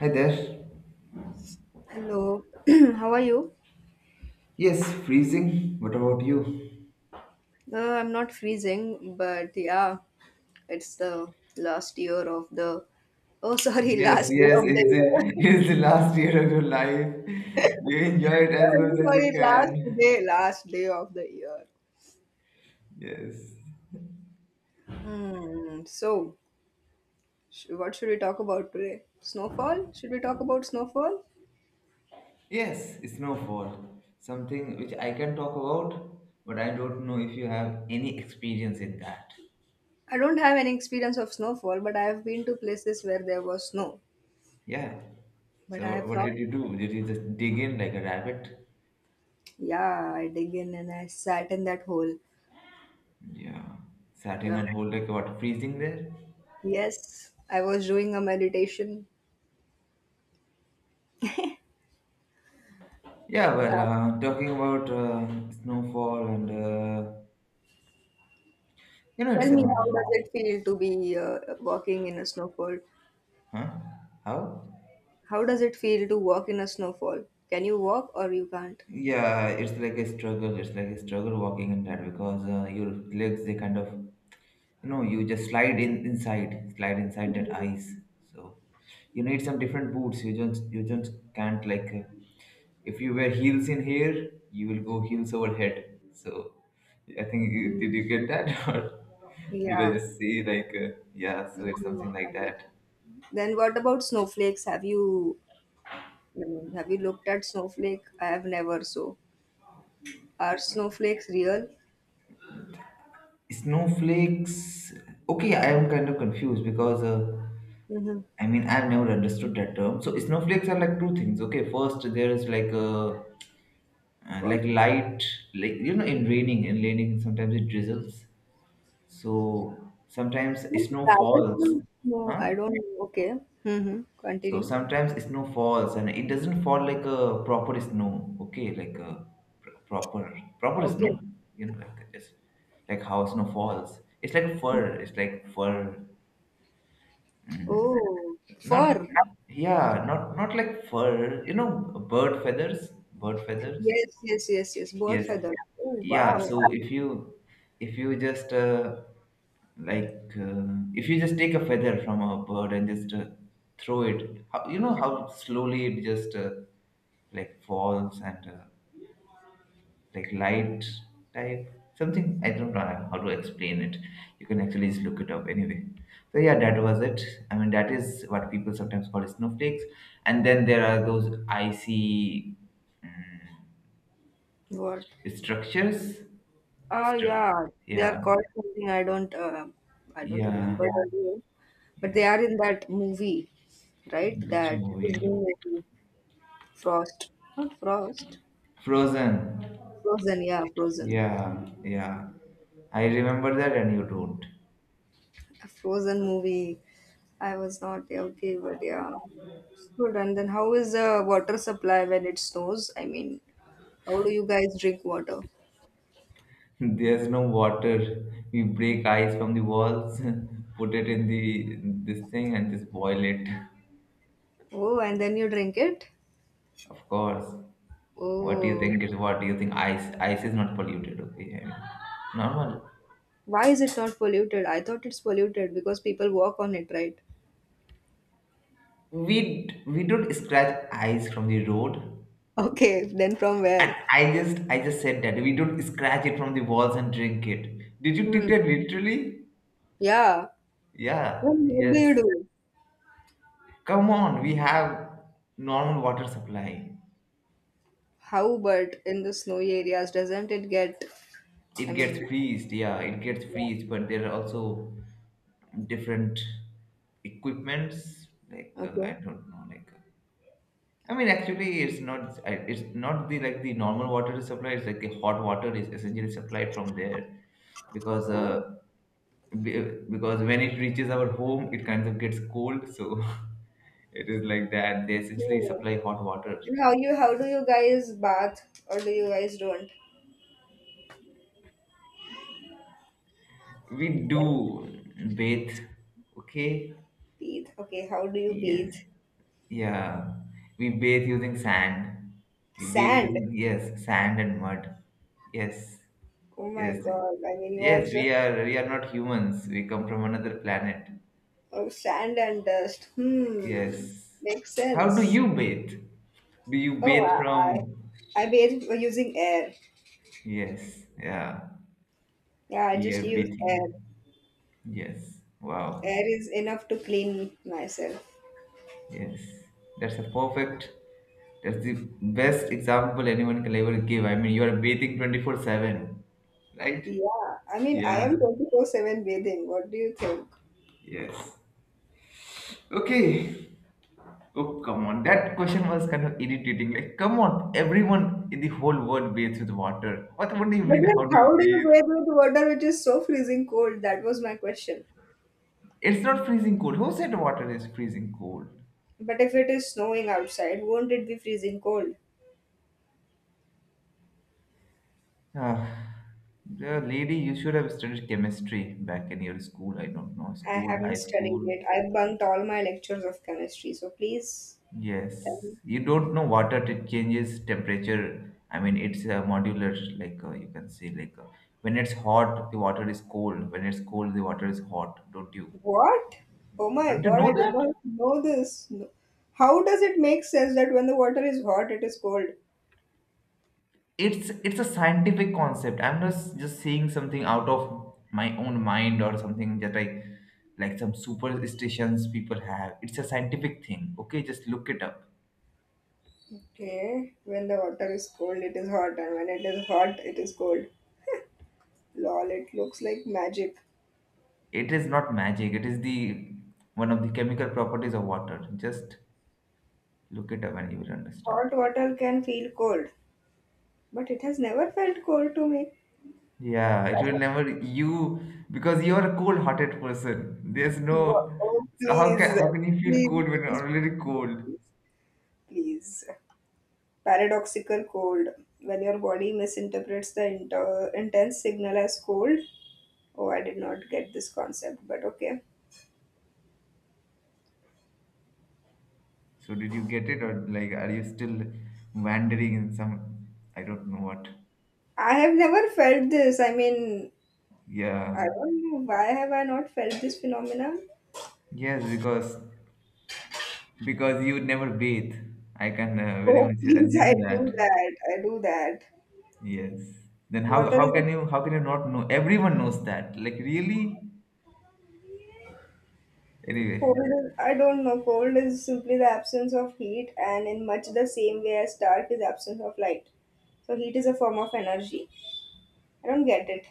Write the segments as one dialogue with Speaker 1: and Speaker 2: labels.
Speaker 1: Hi there.
Speaker 2: Hello, how are you?
Speaker 1: Yes, freezing. What about you?
Speaker 2: I'm not freezing, but yeah, it's the last year of the. Oh, sorry,
Speaker 1: Yes,
Speaker 2: last day
Speaker 1: yes,
Speaker 2: of the
Speaker 1: it's the,
Speaker 2: year.
Speaker 1: it's the last year of your life. You enjoy it as much
Speaker 2: Sorry,
Speaker 1: as you
Speaker 2: sorry, last
Speaker 1: can.
Speaker 2: day, last day of the year.
Speaker 1: Yes.
Speaker 2: Hmm. So, what should we talk about today? Snowfall? Should we talk about snowfall?
Speaker 1: Yes, snowfall. Something which I can talk about, but I don't know if you have any experience in that.
Speaker 2: I don't have any experience of snowfall, but I have been to places where there was snow.
Speaker 1: Yeah.
Speaker 2: But
Speaker 1: So
Speaker 2: I
Speaker 1: what,
Speaker 2: have
Speaker 1: what
Speaker 2: not.
Speaker 1: did you do? Did you just dig in like a rabbit?
Speaker 2: Yeah, I dig in and I sat in that hole.
Speaker 1: Yeah. Sat in
Speaker 2: Yeah.
Speaker 1: and hold like what, freezing there?
Speaker 2: Yes, I was doing a meditation.
Speaker 1: Yeah,
Speaker 2: Uh,
Speaker 1: well, talking about snowfall and you know,
Speaker 2: tell
Speaker 1: it's a,
Speaker 2: me, how does it feel to be walking in a snowfall?
Speaker 1: huh? How?
Speaker 2: How does it feel to walk in a snowfall? Can you walk or you can't?
Speaker 1: Yeah, it's like a struggle. It's like a struggle walking in that because your legs, they kind of, you know, you just slide in inside, slide inside that ice. So you need some different boots. You just can't like, if you wear heels in here, you will go heels over head. So I think, did you get that? Or did
Speaker 2: Yeah.
Speaker 1: I just say like, yeah, so it's something
Speaker 2: I
Speaker 1: like
Speaker 2: get it.
Speaker 1: that.
Speaker 2: Then what about snowflakes? Have you looked at snowflake? I have never. So are snowflakes real?
Speaker 1: Snowflakes. Okay, I am kind of confused because
Speaker 2: Mm-hmm.
Speaker 1: I mean I've never understood that term. So snowflakes are like two things. Okay, first there is like a like
Speaker 2: What?
Speaker 1: light, like you know, in raining sometimes it drizzles. So sometimes snow falls,
Speaker 2: Rattlesnake? No,
Speaker 1: huh?
Speaker 2: I don't know. Okay. Mm-hmm.
Speaker 1: So
Speaker 2: Continue.
Speaker 1: sometimes snow falls and it doesn't fall like a proper snow. Okay, like a proper
Speaker 2: Okay.
Speaker 1: snow. You know, like just like how snow falls. It's like a fur. It's like fur.
Speaker 2: Oh,
Speaker 1: Not
Speaker 2: fur.
Speaker 1: yeah, not like fur, you know, bird feathers, bird feathers.
Speaker 2: Yes, yes, yes, yes. Bird
Speaker 1: Yes.
Speaker 2: feather. Oh
Speaker 1: Yeah,
Speaker 2: wow.
Speaker 1: so if you just like if you just take a feather from a bird and just throw it, how, you know how slowly it just like falls and like light type something. I don't know how to explain it. You can actually just look it up anyway. So yeah, that was it. I mean that is what people sometimes call snowflakes. And then there are those icy
Speaker 2: What?
Speaker 1: structures.
Speaker 2: Ah,
Speaker 1: Stru-
Speaker 2: yeah. They
Speaker 1: yeah,
Speaker 2: are called something. I don't
Speaker 1: yeah,
Speaker 2: remember the name. But
Speaker 1: yeah.
Speaker 2: they are in that movie, right?
Speaker 1: Which
Speaker 2: That
Speaker 1: movie?
Speaker 2: Disney movie, Frost. Not Frost.
Speaker 1: Frozen.
Speaker 2: Frozen. Yeah, Frozen.
Speaker 1: Yeah, yeah, I remember that and you don't.
Speaker 2: A Frozen movie. I was not Yeah, okay, but yeah, it's good. And then how is the water supply when it snows? I mean, how do you guys drink water?
Speaker 1: There's no water. We break ice from the walls, put it in the this thing, and just boil it.
Speaker 2: Oh, and then you drink it?
Speaker 1: Of course. What do you
Speaker 2: Oh.
Speaker 1: think is what? Do you think ice? Ice is not polluted, okay? I mean, normal.
Speaker 2: Why is it not polluted? I thought it's polluted because people walk on it, right?
Speaker 1: We we don't scratch ice from the road.
Speaker 2: Okay, then from where?
Speaker 1: And I just said that we don't scratch it from the walls and drink it. Did you take
Speaker 2: Hmm.
Speaker 1: that literally?
Speaker 2: Yeah. Well,
Speaker 1: Yeah.
Speaker 2: what do
Speaker 1: Yes.
Speaker 2: you do?
Speaker 1: Come on, we have normal water supply.
Speaker 2: How But in the snowy areas, doesn't it get, I
Speaker 1: It gets
Speaker 2: mean,
Speaker 1: freezed, yeah, it gets
Speaker 2: yeah.
Speaker 1: freezed, but there are also different equipments like, I
Speaker 2: Okay.
Speaker 1: don't know, like, I mean actually it's not, it's not the like the normal water supply, it's like the hot water is essentially supplied from there because
Speaker 2: Oh.
Speaker 1: because when it reaches our home it kind of gets cold. So it is like that they essentially
Speaker 2: Yeah.
Speaker 1: supply hot water.
Speaker 2: And how do you guys bath or do you guys don't?
Speaker 1: We do
Speaker 2: Then
Speaker 1: bathe, okay.
Speaker 2: bathe. Okay, how do you
Speaker 1: Yes.
Speaker 2: bathe?
Speaker 1: Yeah. We bathe using sand. We bathe
Speaker 2: Sand.
Speaker 1: using, yes, sand and mud. Yes.
Speaker 2: Oh my
Speaker 1: Yes.
Speaker 2: God. I mean, you are
Speaker 1: Yes,
Speaker 2: just,
Speaker 1: we are not humans. We come from another planet.
Speaker 2: oh, sand and dust. Hmm.
Speaker 1: Yes.
Speaker 2: Makes
Speaker 1: How do
Speaker 2: sense.
Speaker 1: you bathe? Do you
Speaker 2: Oh,
Speaker 1: bathe from.
Speaker 2: I bathe using air.
Speaker 1: Yes. Yeah.
Speaker 2: Yeah, I just
Speaker 1: Air
Speaker 2: use air.
Speaker 1: bathing. Yes. Wow.
Speaker 2: Air is enough to clean myself.
Speaker 1: Yes, that's a perfect. That's the best example anyone can ever give. I mean, you are bathing 24/7, right?
Speaker 2: Yeah, I mean, I
Speaker 1: Yeah,
Speaker 2: am 24/7 bathing. What do you think?
Speaker 1: yes. Okay. Oh, come on. That question was kind of irritating. Like, come on, everyone in the whole world bathes with water. What do you
Speaker 2: But
Speaker 1: mean?
Speaker 2: then,
Speaker 1: How do you
Speaker 2: how do you
Speaker 1: bathe?
Speaker 2: bathe with water which is so freezing cold? That was my question.
Speaker 1: It's not freezing cold. Who said water is freezing cold?
Speaker 2: But if it is snowing outside, won't it be freezing cold?
Speaker 1: Ah, the lady, you should have studied chemistry back in your school. I don't know,
Speaker 2: I
Speaker 1: school,
Speaker 2: haven't
Speaker 1: high
Speaker 2: studied
Speaker 1: school.
Speaker 2: it. I bunked all my lectures of chemistry, so please tell me.
Speaker 1: Yes, you don't know water, it changes temperature. I mean, it's a modular, like, you can say, like, when it's hot, the water is cold. When it's cold, the water is hot. Don't you?
Speaker 2: What? Oh my
Speaker 1: Don't you
Speaker 2: god, I
Speaker 1: know
Speaker 2: did
Speaker 1: that?
Speaker 2: not know this. No- How does it make sense that when the water is hot, it is cold?
Speaker 1: It's a scientific concept. I'm not just saying something out of my own mind or something that I like, some superstitions people have. It's a scientific thing. Okay, just look it up.
Speaker 2: Okay, when the water is cold, it is hot, and when it is hot, it is cold. Lol, it looks like magic.
Speaker 1: It is not magic. It is the one of the chemical properties of water. Just look it up and you will understand.
Speaker 2: Hot water can feel cold, but it has never felt cold to me.
Speaker 1: Yeah, it will never you, because you are a cold-hearted person. There's no,
Speaker 2: Oh,
Speaker 1: so how
Speaker 2: please,
Speaker 1: can you feel
Speaker 2: please,
Speaker 1: cold when
Speaker 2: please,
Speaker 1: you're already
Speaker 2: please,
Speaker 1: cold?
Speaker 2: please, please. Paradoxical cold. When your body misinterprets the intense signal as cold. Oh, I did not get this concept, but okay.
Speaker 1: So did you get it, or like are you still wandering in some, I don't know what?
Speaker 2: I have never felt this. I mean, I
Speaker 1: Yeah.
Speaker 2: don't know why have I not felt this phenomenon.
Speaker 1: Yes, because you never bathe. I can, very
Speaker 2: Oh,
Speaker 1: much
Speaker 2: please, I
Speaker 1: assume that.
Speaker 2: do that. I do that.
Speaker 1: Yes. Then
Speaker 2: Water is
Speaker 1: how can you not know? Everyone knows that. Like really? Anyway.
Speaker 2: cold. I don't know. Cold is simply the absence of heat, and in much the same way as dark is absence of light. So heat is a form of energy. I don't get it.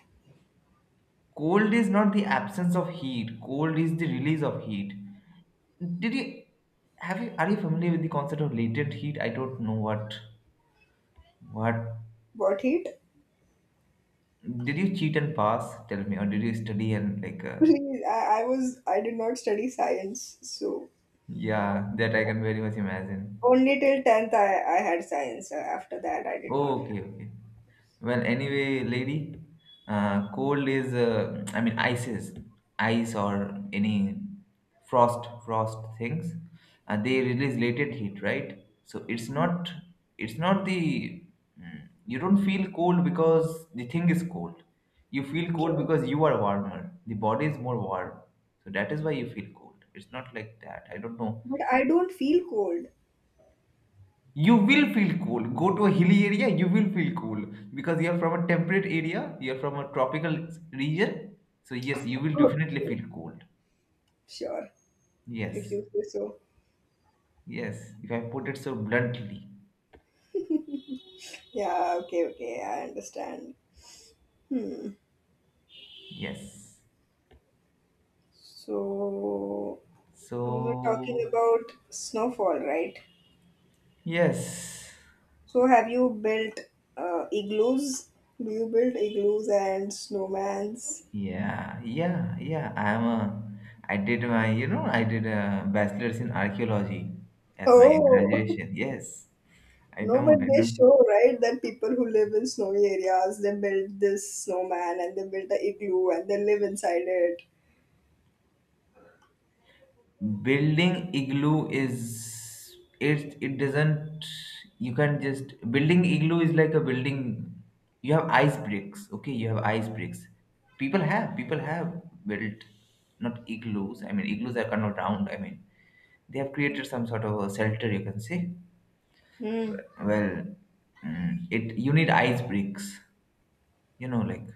Speaker 1: Cold is not the absence of heat. Cold is the release of heat. Did you have you Are you familiar with the concept of latent heat? I don't know what. What
Speaker 2: What heat?
Speaker 1: did you cheat and pass? Tell me, or did you study, and like,
Speaker 2: Please, I did not study science, so
Speaker 1: yeah, that I can very much imagine.
Speaker 2: only till 10th I had science. After that, I did not have.
Speaker 1: Okay, okay. Well, anyway, lady, cold is, I mean, ice is ice or any frost things. They release latent heat, right? So it's not, you don't feel cold because the thing is cold. You feel cold
Speaker 2: Okay.
Speaker 1: because you are warmer. The body is more warm, so that is why you feel cold. It's not like that. I don't know,
Speaker 2: But I don't feel cold.
Speaker 1: you will feel cool. Go to a hilly area, you will feel cool because you're from a temperate area, you're from a tropical region. So yes, you will definitely
Speaker 2: Okay.
Speaker 1: feel cold.
Speaker 2: Sure. If
Speaker 1: Yes,
Speaker 2: you say so.
Speaker 1: yes, if I put it so bluntly.
Speaker 2: Yeah, okay, okay. I understand. Hmm.
Speaker 1: Yes.
Speaker 2: So, we were talking
Speaker 1: So
Speaker 2: about snowfall, right?
Speaker 1: yes,
Speaker 2: So, have you built igloos? Do you build igloos and snowmans?
Speaker 1: yeah, yeah, yeah, I'm a, I did my, I did a bachelor's in archaeology as my
Speaker 2: Oh!
Speaker 1: graduation. Yes, I
Speaker 2: No,
Speaker 1: know,
Speaker 2: but
Speaker 1: I
Speaker 2: they
Speaker 1: know.
Speaker 2: show, right, that people who live in snowy areas, they build this snowman and they build the igloo and they live inside it.
Speaker 1: Building igloo is, it doesn't, you can just building igloo is like a building. You have ice bricks, okay, you have ice bricks. People have built, not igloos. I mean igloos are kind of round. I mean they have created some sort of a shelter, you can say.
Speaker 2: Hmm.
Speaker 1: Well, it you need ice bricks, you know, like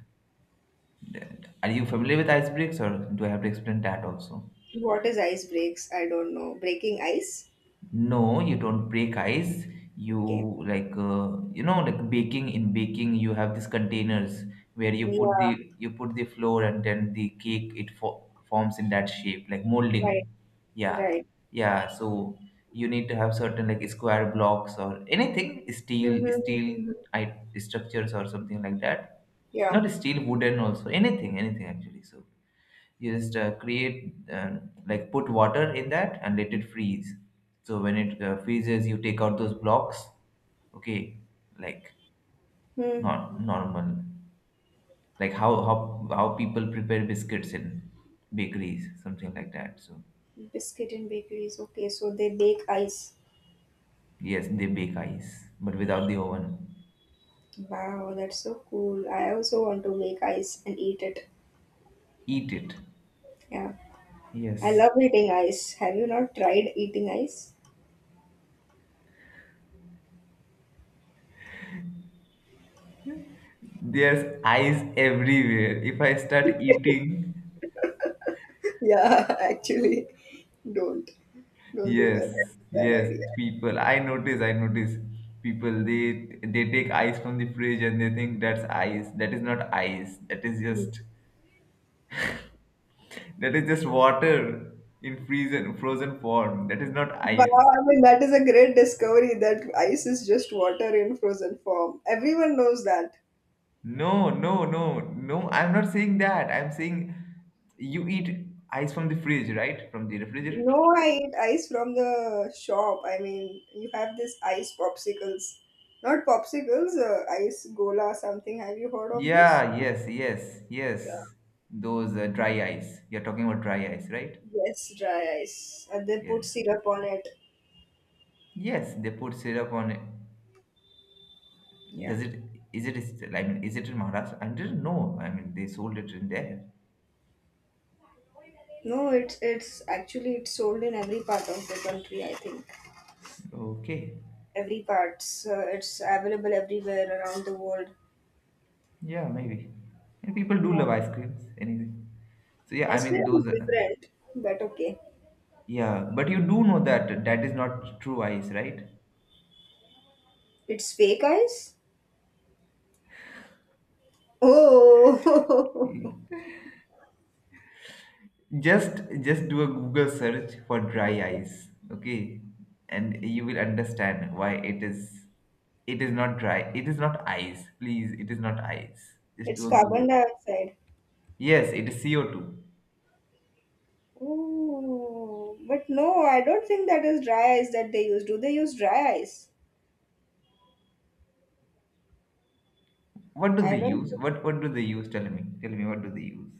Speaker 1: that. Are you familiar with ice bricks or do I have to explain that also?
Speaker 2: What is ice breaks? I don't know. Breaking ice?
Speaker 1: No, you don't break ice. You
Speaker 2: Okay.
Speaker 1: like, you know, like baking, in baking you have these containers where
Speaker 2: Yeah,
Speaker 1: you put the flour and then the cake it fo forms in that shape, like
Speaker 2: right,
Speaker 1: molding. Yeah.
Speaker 2: right.
Speaker 1: Yeah, so you need to have certain like square blocks or anything steel, steel
Speaker 2: Mm-hmm.
Speaker 1: I structures or something like that.
Speaker 2: Yeah.
Speaker 1: Not steel, wooden also, anything actually. So just create like put water in that and let it freeze. So when it freezes you take out those blocks, okay, like
Speaker 2: Hmm.
Speaker 1: not normal, like how people prepare biscuits in bakeries, something like that. So
Speaker 2: Biscuit and bakeries. Okay, so they bake ice.
Speaker 1: yes, they bake ice but without the oven.
Speaker 2: Wow, that's so cool. I also want to make ice and eat it.
Speaker 1: Eat it.
Speaker 2: Yeah. I
Speaker 1: Yes,
Speaker 2: love eating ice. Have you not tried eating ice?
Speaker 1: there's ice everywhere, if I start eating.
Speaker 2: Yeah, actually, don't don't do that.
Speaker 1: Yes,
Speaker 2: That's a bad
Speaker 1: yes,
Speaker 2: idea.
Speaker 1: people. I notice people, they take ice from the fridge and they think that's ice. That is not ice. That is just, water in frozen form. That is not
Speaker 2: But
Speaker 1: ice.
Speaker 2: I mean, that is a great discovery that ice is just water in frozen form. Everyone knows that.
Speaker 1: No, no, no, no. I'm not saying that. I'm saying you eat ice from the fridge, right? From the refrigerator.
Speaker 2: No, I eat ice from the shop. I mean, you have this ice popsicles, not popsicles, ice gola something. Have you heard of this?
Speaker 1: Yeah, yes, yes,
Speaker 2: Yeah.
Speaker 1: yes. Those dry ice. You're talking about dry ice, right?
Speaker 2: Yes, dry ice, and they put
Speaker 1: Yes.
Speaker 2: syrup on it.
Speaker 1: Yes, they put syrup on it.
Speaker 2: Yeah.
Speaker 1: Does it is I mean, is it in Maharashtra? I didn't know. I mean they sold it in there.
Speaker 2: No, it's actually it's sold in every part of the country, I think.
Speaker 1: Okay.
Speaker 2: Every part. So it's available everywhere around the world.
Speaker 1: Yeah, maybe. And people do
Speaker 2: Yeah.
Speaker 1: love ice creams anyway. So yeah, I
Speaker 2: Ice cream
Speaker 1: mean
Speaker 2: is
Speaker 1: those are,
Speaker 2: different, but okay.
Speaker 1: yeah, but you do know that that is not true ice, right?
Speaker 2: It's fake ice? Oh,
Speaker 1: Just do a Google search for dry
Speaker 2: okay.
Speaker 1: ice, okay? And you will understand why it is not dry. It is not ice. Please, it is not ice. Just
Speaker 2: It's
Speaker 1: do a
Speaker 2: carbon
Speaker 1: Google.
Speaker 2: dioxide.
Speaker 1: Yes, it is CO2.
Speaker 2: Oh, but no, I don't think that is dry ice that they use. Do they use dry ice?
Speaker 1: What do
Speaker 2: I
Speaker 1: they
Speaker 2: don't
Speaker 1: use, what do they use? Tell me, tell me what do they use.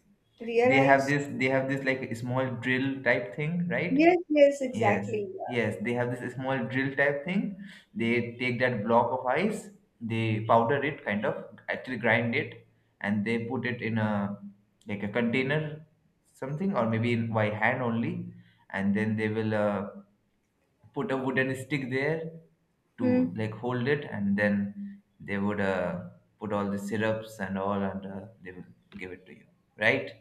Speaker 1: they have
Speaker 2: realize.
Speaker 1: this they have this like a small drill type thing, right?
Speaker 2: Yes, yes,
Speaker 1: Yes,
Speaker 2: exactly. Yeah.
Speaker 1: yes, they have this small drill type thing. They take that block of ice. They powder it, kind of, actually grind it. And they put it in a like a container, something, or maybe in by hand only. And then they will, put a wooden stick there to
Speaker 2: Hmm.
Speaker 1: like hold it. And then they would, put all the syrups and all. And they will give it to you, right?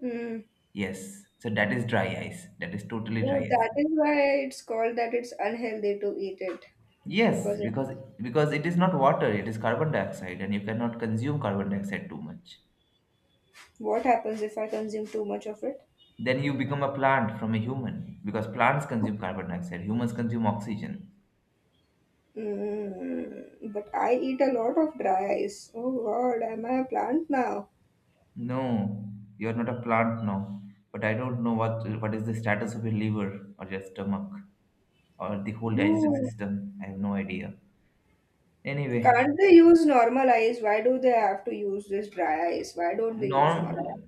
Speaker 2: Hmm.
Speaker 1: Yes. So that is dry ice, that is totally dry
Speaker 2: Oh, that
Speaker 1: ice.
Speaker 2: is why it's called that it's unhealthy to eat it.
Speaker 1: Yes,
Speaker 2: Because it
Speaker 1: because
Speaker 2: is
Speaker 1: it is not water, it is carbon dioxide, and you cannot consume carbon dioxide too much.
Speaker 2: What happens if I consume too much of it?
Speaker 1: Then you become a plant from a human, because plants consume carbon dioxide, humans consume oxygen.
Speaker 2: Mm, but I eat a lot of dry ice. Oh God, am I a plant now?
Speaker 1: No, you're not a plant now. But I don't know what is the status of your liver or your stomach or the whole digestive
Speaker 2: No.
Speaker 1: system. I have no idea. Anyway,
Speaker 2: Can't they use normal ice? Why do they have to use this dry ice? Why don't they use
Speaker 1: norm
Speaker 2: normal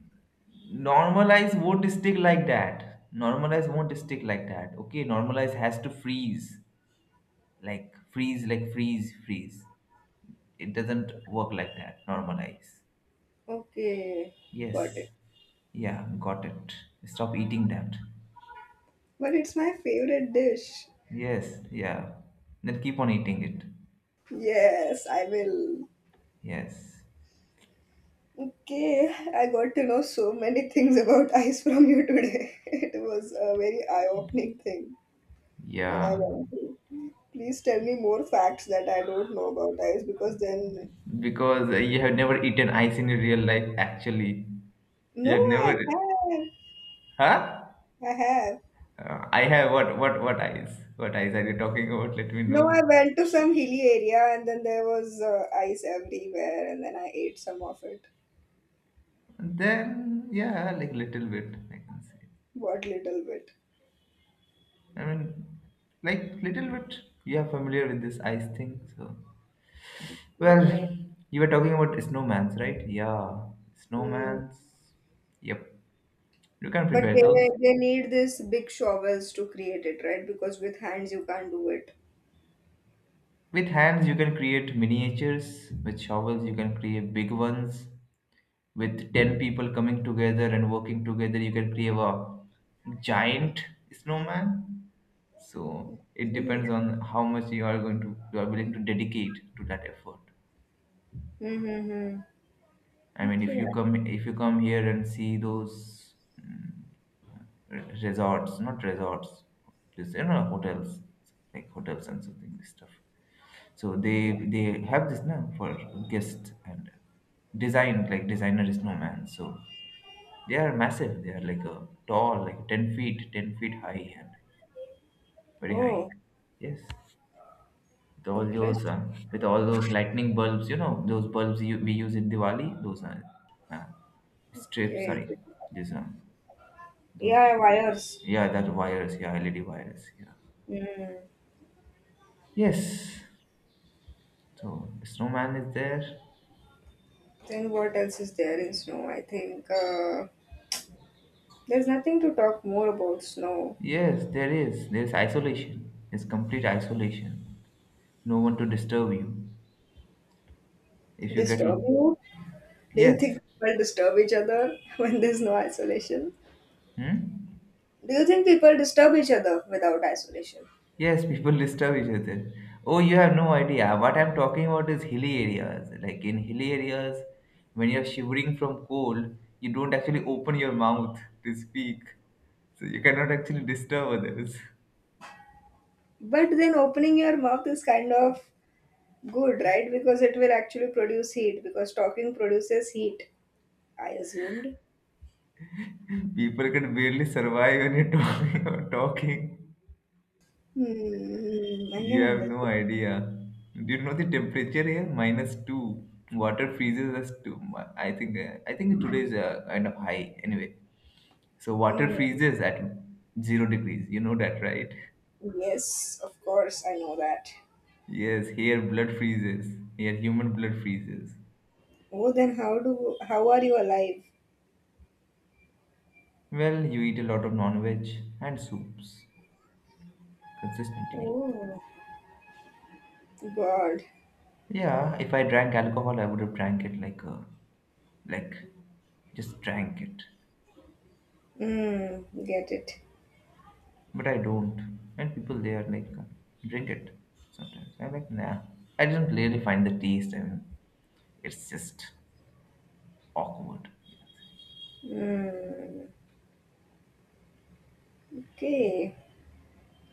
Speaker 1: normalize won't stick like that. Normalize won't stick like that. Okay, normalize has to freeze. Like freeze, like freeze, freeze. It doesn't work like that. Normalize.
Speaker 2: ice? Okay, got it.
Speaker 1: Yes. Yeah, got it. Stop eating that.
Speaker 2: But it's my favorite dish.
Speaker 1: Yes, yeah. Then keep on eating it.
Speaker 2: Yes, I will.
Speaker 1: Yes.
Speaker 2: Okay, I got to know so many things about ice from you today. It was a very eye-opening thing, and I
Speaker 1: Yeah.
Speaker 2: learned. Please tell me more facts that I don't know about ice because then.
Speaker 1: Because you have never eaten ice in your real life, actually.
Speaker 2: No,
Speaker 1: You have
Speaker 2: I
Speaker 1: never.
Speaker 2: have.
Speaker 1: Huh?
Speaker 2: I have.
Speaker 1: I have what ice? What ice are you talking about? Let me
Speaker 2: No,
Speaker 1: know.
Speaker 2: I went to some hilly area and then there was ice everywhere and then I ate some of it.
Speaker 1: Then yeah, like little bit, I can say.
Speaker 2: What little bit.
Speaker 1: I mean, like little bit. You are familiar with this ice thing, so.
Speaker 2: Yeah.
Speaker 1: Well, you were talking about snowmans, right? Yeah,
Speaker 2: Mm.
Speaker 1: snowmans. Yep, you can
Speaker 2: But
Speaker 1: prepare
Speaker 2: they,
Speaker 1: those.
Speaker 2: they need this big shovels to create it, right? Because with hands you can't do it.
Speaker 1: With hands, you can create miniatures. With shovels, you can create big ones. With 10 people coming together and working together, you can create a giant snowman. So it
Speaker 2: Yeah.
Speaker 1: depends on how much you are going to you are willing to dedicate to that effort.
Speaker 2: Mm-hmm.
Speaker 1: I mean,
Speaker 2: Okay.
Speaker 1: if you come here and see those resorts, not resorts, just you know hotels, like hotels and something this stuff. So they have this now for guests and design like designer is no man. So they are massive. They are like a tall, like 10 feet, 10 feet high and very high.
Speaker 2: Oh,
Speaker 1: Yes, with all those
Speaker 2: interesting.
Speaker 1: uh, with all those lightning bulbs, you know those bulbs we use in Diwali. Those are uh, strips.
Speaker 2: Okay.
Speaker 1: Sorry, these those,
Speaker 2: Yeah, wires.
Speaker 1: yeah, that virus. Yeah, LED virus. Yeah.
Speaker 2: Mm.
Speaker 1: Yes. So snowman is there.
Speaker 2: Then what else is there in snow? I think there's nothing to talk more about snow.
Speaker 1: Yes, there is. There is isolation. It's complete isolation. No one to disturb you. If you get,
Speaker 2: Disturb you? Do you
Speaker 1: yes.
Speaker 2: think people disturb each other when there's no isolation?
Speaker 1: Hmm?
Speaker 2: Do you think people disturb each other without isolation?
Speaker 1: Yes, people disturb each other. Oh, you have no idea. What I'm talking about is hilly areas. Like in hilly areas, when you're shivering from cold, you don't actually open your mouth to speak. So you cannot actually disturb others.
Speaker 2: But then opening your mouth is kind of good, right? Because it will actually produce heat because talking produces heat. I assumed.
Speaker 1: People can barely survive when you're talking. Talking.
Speaker 2: I can
Speaker 1: You have no
Speaker 2: understand.
Speaker 1: idea. Do you know the temperature here? Minus two. Water freezes us two. I think today is kind of high. Anyway, so
Speaker 2: Oh
Speaker 1: water
Speaker 2: my.
Speaker 1: freezes at 0 degrees. You know that, right?
Speaker 2: Yes, of course, I know that.
Speaker 1: Yes. Here, blood freezes. Here, human blood freezes.
Speaker 2: Oh, then how are you alive?
Speaker 1: Well, you eat a lot of non-veg and soups consistently.
Speaker 2: Oh, God.
Speaker 1: Yeah, if I drank alcohol, I would have drank it like a, like just drank it.
Speaker 2: Get it.
Speaker 1: But I don't. And people they are like drink it sometimes. I'm like nah. I didn't really find the taste. I mean, it's just awkward. You can say.
Speaker 2: Mm, okay.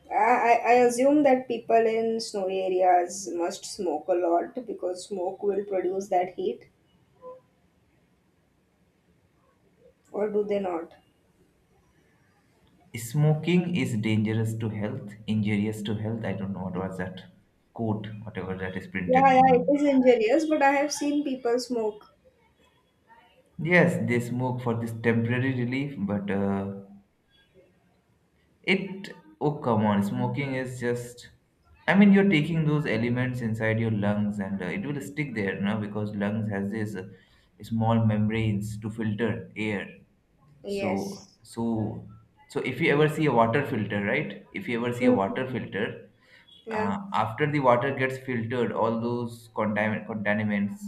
Speaker 2: I assume that people in snowy areas must smoke a lot because smoke will produce that heat, or do they not?
Speaker 1: Smoking is dangerous to health, injurious to health. I don't know what was that quote, whatever that is
Speaker 2: Yeah,
Speaker 1: printed.
Speaker 2: yeah, it is injurious, but I have seen people smoke.
Speaker 1: Yes, they smoke for this temporary relief, but it, oh come on, smoking is just, I mean, you're taking those elements inside your lungs and it will stick there, no? Because lungs has this small membranes to filter air. So,
Speaker 2: Yes.
Speaker 1: so, so if you ever see a water filter, right? If you ever see a water
Speaker 2: Mhm.
Speaker 1: filter,
Speaker 2: Yeah,
Speaker 1: after the water gets filtered, all those contaminants,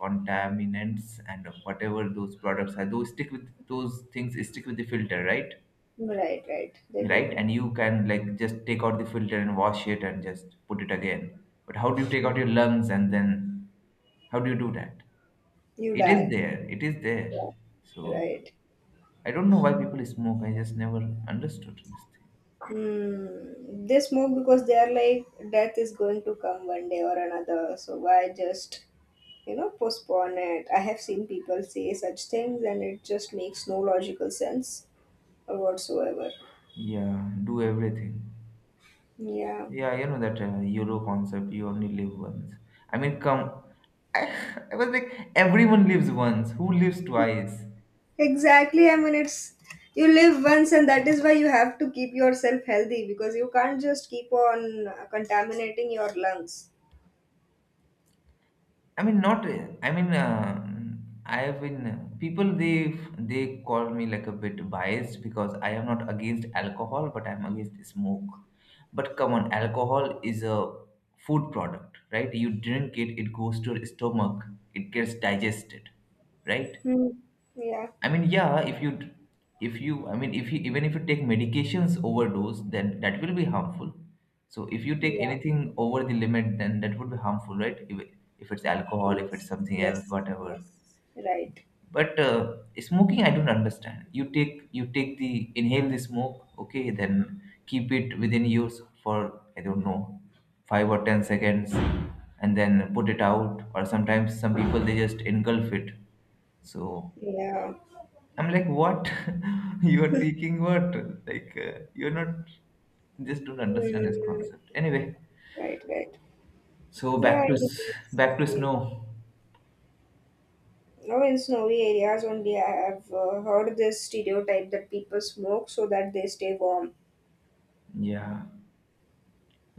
Speaker 1: contaminants, and whatever those products are, those stick with those things stick with the filter, right?
Speaker 2: right, right. They do.
Speaker 1: Right? And you can like just take out the filter and wash it and just put it again. But how do you take out your lungs and then how do you do that?
Speaker 2: You
Speaker 1: It is
Speaker 2: die.
Speaker 1: there. It is there.
Speaker 2: Yeah,
Speaker 1: So
Speaker 2: right.
Speaker 1: I don't know why people smoke. I just never understood this thing.
Speaker 2: They smoke because they are like death is going to come one day or another. So why just postpone it? I have seen people say such things, and it just makes no logical sense or whatsoever.
Speaker 1: Yeah, do everything.
Speaker 2: Yeah,
Speaker 1: Yeah, you know that YOLO concept, you only live once. I mean, come, I, I was like, everyone lives once. Who lives twice?
Speaker 2: exactly. I mean, it's you live once, and that is why you have to keep yourself healthy because you can't just keep on contaminating your lungs.
Speaker 1: I mean, not. I mean, I have been people. They call me like a bit biased because I am not against alcohol, but I'm against smoke. But come on, alcohol is a food product, right? You drink it, it goes to your stomach, it gets digested, right?
Speaker 2: Hmm. Yeah.
Speaker 1: I mean, yeah, if you, even if you take medications overdose, then that will be harmful. So if you take
Speaker 2: Yeah.
Speaker 1: anything over the limit, then that would be harmful, right? If it's alcohol, if it's
Speaker 2: Yes.
Speaker 1: something else,
Speaker 2: Yes.
Speaker 1: whatever.
Speaker 2: Yes. Right.
Speaker 1: But smoking, I don't understand. You take the, inhale the smoke, okay, then keep it within yours for, I don't know, five or 10 seconds and then put it out. Or sometimes some people, they just engulf it. So
Speaker 2: Yeah.
Speaker 1: I'm like, what? You're taking what? You're not. Just don't understand this
Speaker 2: Hmm.
Speaker 1: concept. Anyway,
Speaker 2: Right, right.
Speaker 1: so
Speaker 2: Yeah, anyways,
Speaker 1: back to
Speaker 2: yeah.
Speaker 1: snow.
Speaker 2: Now in snowy areas only, I have heard this stereotype that people smoke so that they stay warm.
Speaker 1: Yeah,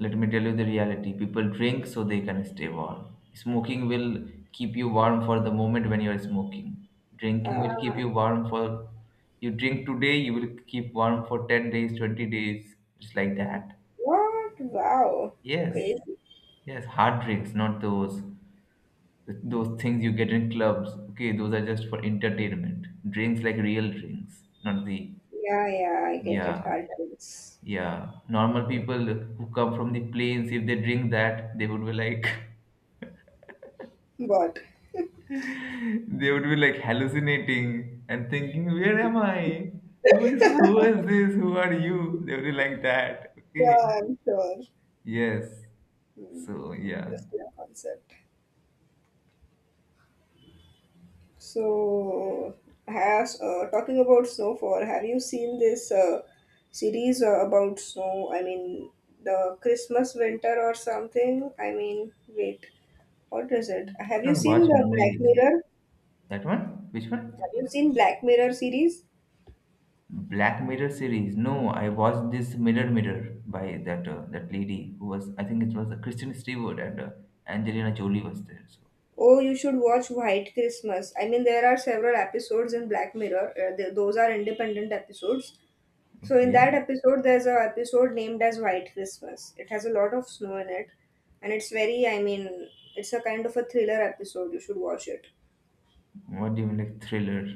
Speaker 1: let me tell you the reality. People drink so they can stay warm. Smoking will keep you warm for the moment when you're smoking. Drinking
Speaker 2: Uh,
Speaker 1: will keep you warm for. You drink today, you will keep warm for 10 days, 20 days. Just like that.
Speaker 2: what? Wow.
Speaker 1: Yes,
Speaker 2: Crazy.
Speaker 1: yes, hard drinks, not those. Those things you get in clubs, okay, those are just for entertainment. Drinks like real drinks, not the
Speaker 2: Yeah, yeah, I get it.
Speaker 1: yeah,
Speaker 2: Hard times.
Speaker 1: yeah. Normal people who come from the plains, if they drink that, they would be like
Speaker 2: But
Speaker 1: they would be like hallucinating and thinking, where am I? Who is who is this? Who are you? They would be like that. Okay.
Speaker 2: yeah, I'm sure.
Speaker 1: Yes.
Speaker 2: Hmm,
Speaker 1: So yeah.
Speaker 2: interesting concept. So, has talking about snowfall, have you seen this series about snow? I mean, the Christmas winter or something? I mean, wait, what is it?
Speaker 1: I
Speaker 2: Have you
Speaker 1: don't watch
Speaker 2: seen the Black
Speaker 1: movies.
Speaker 2: Mirror?
Speaker 1: That one? Which one?
Speaker 2: Have you seen Black Mirror series?
Speaker 1: Black Mirror series. No, I watched this Mirror Mirror by that lady who was I think it was Kristen Stewart and Angelina Jolie was there. So
Speaker 2: Oh, you should watch White Christmas. I mean, there are several episodes in Black Mirror. Those are independent episodes. So in that
Speaker 1: okay,
Speaker 2: episode, there's a episode named as White Christmas. It has a lot of snow in it, and it's very, I mean, it's a kind of a thriller episode. You should watch it.
Speaker 1: what do you mean, like thriller?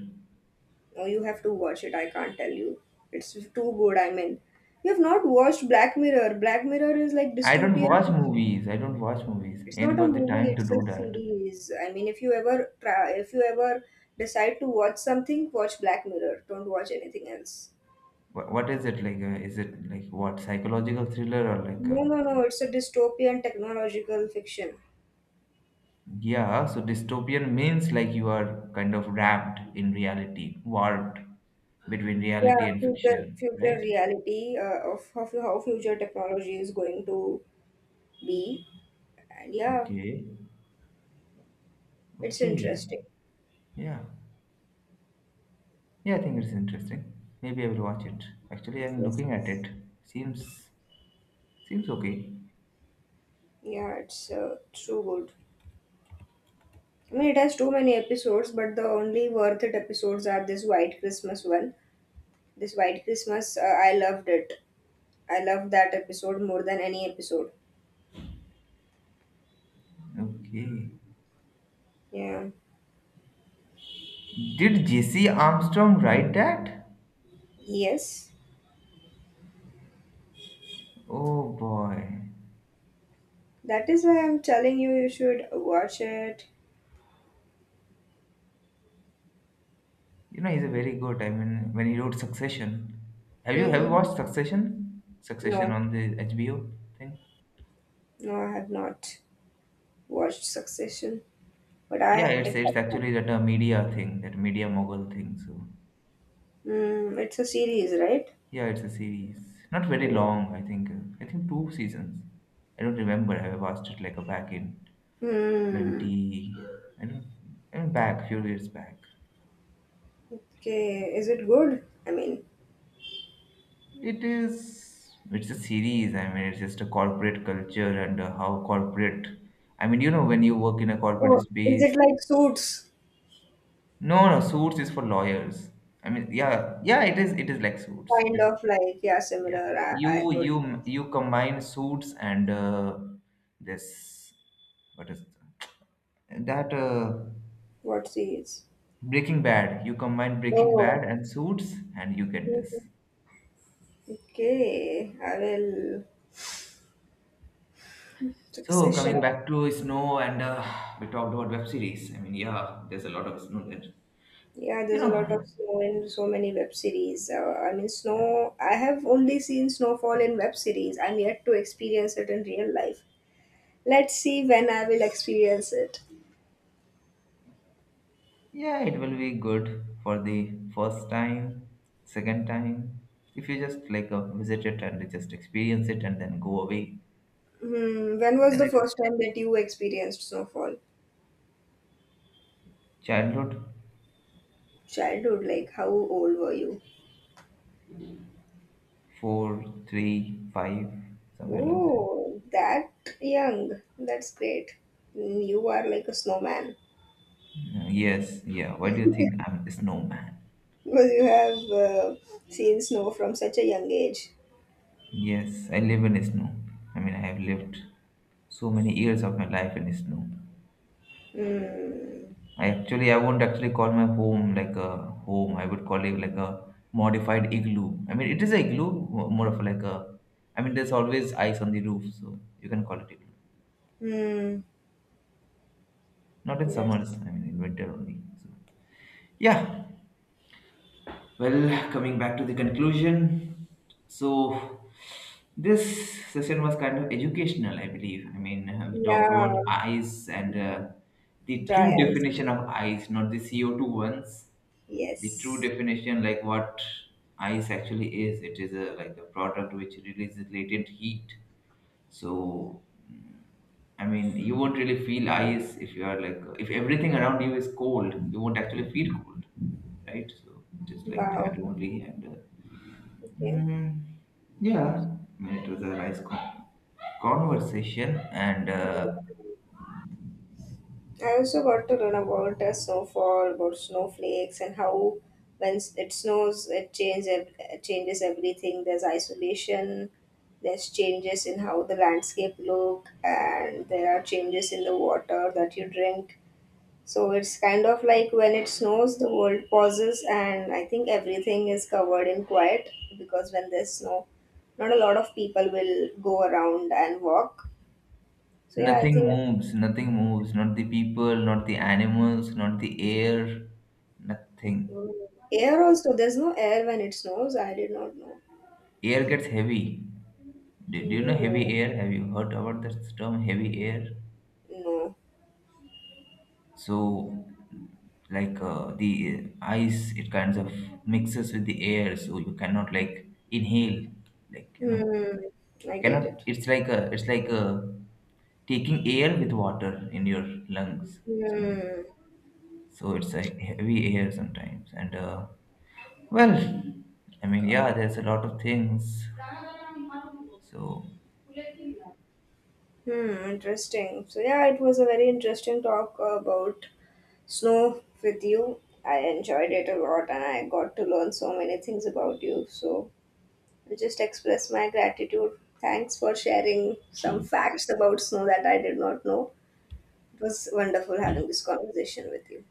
Speaker 2: No, you have to watch it. I can't tell you. It's too good. I mean, you have not watched Black Mirror. Black Mirror is like
Speaker 1: I don't watch
Speaker 2: dystopian.
Speaker 1: movies. I don't watch movies.
Speaker 2: It's
Speaker 1: Ain't
Speaker 2: not a
Speaker 1: got the
Speaker 2: movie.
Speaker 1: time to
Speaker 2: It's a
Speaker 1: do that.
Speaker 2: series. I mean, if you ever try, if you ever decide to watch something, watch Black Mirror. Don't watch anything else.
Speaker 1: What is it like? Is it like what psychological thriller or like?
Speaker 2: No, no,
Speaker 1: I
Speaker 2: no.
Speaker 1: don't.
Speaker 2: It's a dystopian technological fiction.
Speaker 1: Yeah. So dystopian means like you are kind of wrapped in reality, warped between
Speaker 2: Yeah,
Speaker 1: reality and
Speaker 2: future
Speaker 1: fiction,
Speaker 2: future
Speaker 1: right?
Speaker 2: reality, of how future technology is going to be, and yeah,
Speaker 1: Okay.
Speaker 2: it's
Speaker 1: Okay.
Speaker 2: interesting.
Speaker 1: Yeah. Yeah, I think it's interesting. Maybe I will watch it. Actually, I'm
Speaker 2: Yes,
Speaker 1: looking at it. Seems seems okay.
Speaker 2: yeah, it's so good. I mean, it has too many episodes, but the only worth it episodes are this White Christmas one. This White Christmas, I loved it. I loved that episode more than any episode.
Speaker 1: Okay.
Speaker 2: Yeah.
Speaker 1: Did JC Armstrong write that?
Speaker 2: Yes,
Speaker 1: Oh boy.
Speaker 2: that is why I'm telling you you should watch it.
Speaker 1: You know he's a very good. I mean, when he wrote Succession. Have you
Speaker 2: Mm-hmm.
Speaker 1: watched Succession? Succession
Speaker 2: No,
Speaker 1: on the HBO thing?
Speaker 2: no, I have not watched Succession. But
Speaker 1: Yeah,
Speaker 2: I,
Speaker 1: it's
Speaker 2: it's
Speaker 1: it's actually that a media thing, that media mogul thing. So
Speaker 2: mm, it's a series, right?
Speaker 1: yeah, it's a series. Not very
Speaker 2: Yeah.
Speaker 1: long, I think. I think two seasons. I don't remember. I watched it like back in
Speaker 2: Hmm.
Speaker 1: 20, I don't, I mean back, few years back.
Speaker 2: Okay. Is it good? I mean,
Speaker 1: It is, it's a series. I mean, it's just a corporate culture and how corporate, I mean, you know, when you work in a corporate
Speaker 2: oh, is it
Speaker 1: space,
Speaker 2: like Suits?
Speaker 1: no, no, suits is for lawyers. I mean, yeah, yeah, it is like suits. It
Speaker 2: Kind
Speaker 1: is.
Speaker 2: of like, yeah,
Speaker 1: Yeah,
Speaker 2: similar.
Speaker 1: you
Speaker 2: I could.
Speaker 1: you you combine suits and this what is it? That
Speaker 2: What series?
Speaker 1: breaking bad, you combine breaking
Speaker 2: Oh.
Speaker 1: bad and suits and you get this.
Speaker 2: Mhm. Okay. I will.
Speaker 1: So
Speaker 2: Succession.
Speaker 1: coming back to snow and we talked about web series, I mean, yeah, there's a lot of snow there,
Speaker 2: Yeah,
Speaker 1: you
Speaker 2: there's a
Speaker 1: know.
Speaker 2: lot of snow in so many web series. I mean,
Speaker 1: Yeah,
Speaker 2: snow. I have only seen snowfall in web series. I'm yet to experience it in real life. Let's see when I will experience it.
Speaker 1: yeah, it will be good for the first time, second time, if you just like visit it and just experience it and then go away,
Speaker 2: Hmm. When was
Speaker 1: then
Speaker 2: the
Speaker 1: it will.
Speaker 2: first time that you experienced snowfall?
Speaker 1: Childhood.
Speaker 2: Childhood, like how old were you?
Speaker 1: Four, three, five, somewhere like that.
Speaker 2: Oh, that young. That's great. You are like a snowman
Speaker 1: Yes, yeah. Why do you think I'm a snowman?
Speaker 2: because you have seen snow from such a young age.
Speaker 1: Yes, I live in snow. I mean, I have lived so many years of my life in snow.
Speaker 2: Hmm.
Speaker 1: I won't actually call my home like a home. I would call it like a modified igloo. I mean, it is a igloo, more of like a. I mean, there's always ice on the roof, so you can call it igloo.
Speaker 2: Hmm.
Speaker 1: Not in summers.
Speaker 2: That's
Speaker 1: I mean, in winter only. So, yeah. Well, coming back to the conclusion, so this session was kind of educational, I believe. I mean, we talked
Speaker 2: yeah.
Speaker 1: about ice and the true
Speaker 2: Dry ice.
Speaker 1: definition of ice, not the co two ones. The true
Speaker 2: Yes.
Speaker 1: definition, like what ice actually is, it is a like a product which releases latent heat so, mm, I mean, you won't really feel ice if you are like, if everything around you is cold, you won't actually feel cold, right? So, just like
Speaker 2: Wow.
Speaker 1: that only.
Speaker 2: Okay.
Speaker 1: Mm, yeah, I mean, it was a nice conversation, and
Speaker 2: I also got to learn about the snowfall, about snowflakes, and how when it snows, it changes everything. There's isolation, there's changes in how the landscape look, and there are changes in the water that you drink. So it's kind of like when it snows, the world pauses, and I think everything is covered in quiet because when there's snow, not a lot of people will go around and walk. So yeah, I
Speaker 1: nothing
Speaker 2: think
Speaker 1: moves, nothing moves, not the people, not the animals, not the air, nothing.
Speaker 2: air also, there's no air when it snows. I did not know.
Speaker 1: Air gets heavy. Do you know
Speaker 2: Oh.
Speaker 1: heavy air? Have you heard about this term, heavy air?
Speaker 2: No.
Speaker 1: So like the ice it kinds of mixes with the air so you cannot like inhale like you know
Speaker 2: Hmm.
Speaker 1: you
Speaker 2: I
Speaker 1: cannot
Speaker 2: get it.
Speaker 1: it's like a it's like a taking air with water in your lungs something.
Speaker 2: Hmm.
Speaker 1: So it's like heavy air sometimes and well, I mean,
Speaker 2: God.
Speaker 1: yeah, there's a lot of things so
Speaker 2: Hmm. Interesting. So yeah, it was a very interesting talk about snow with you. I enjoyed it a lot, and I got to learn so many things about you. So I just express my gratitude. Thanks for sharing some facts about snow that I did not know. It was wonderful having this conversation with you.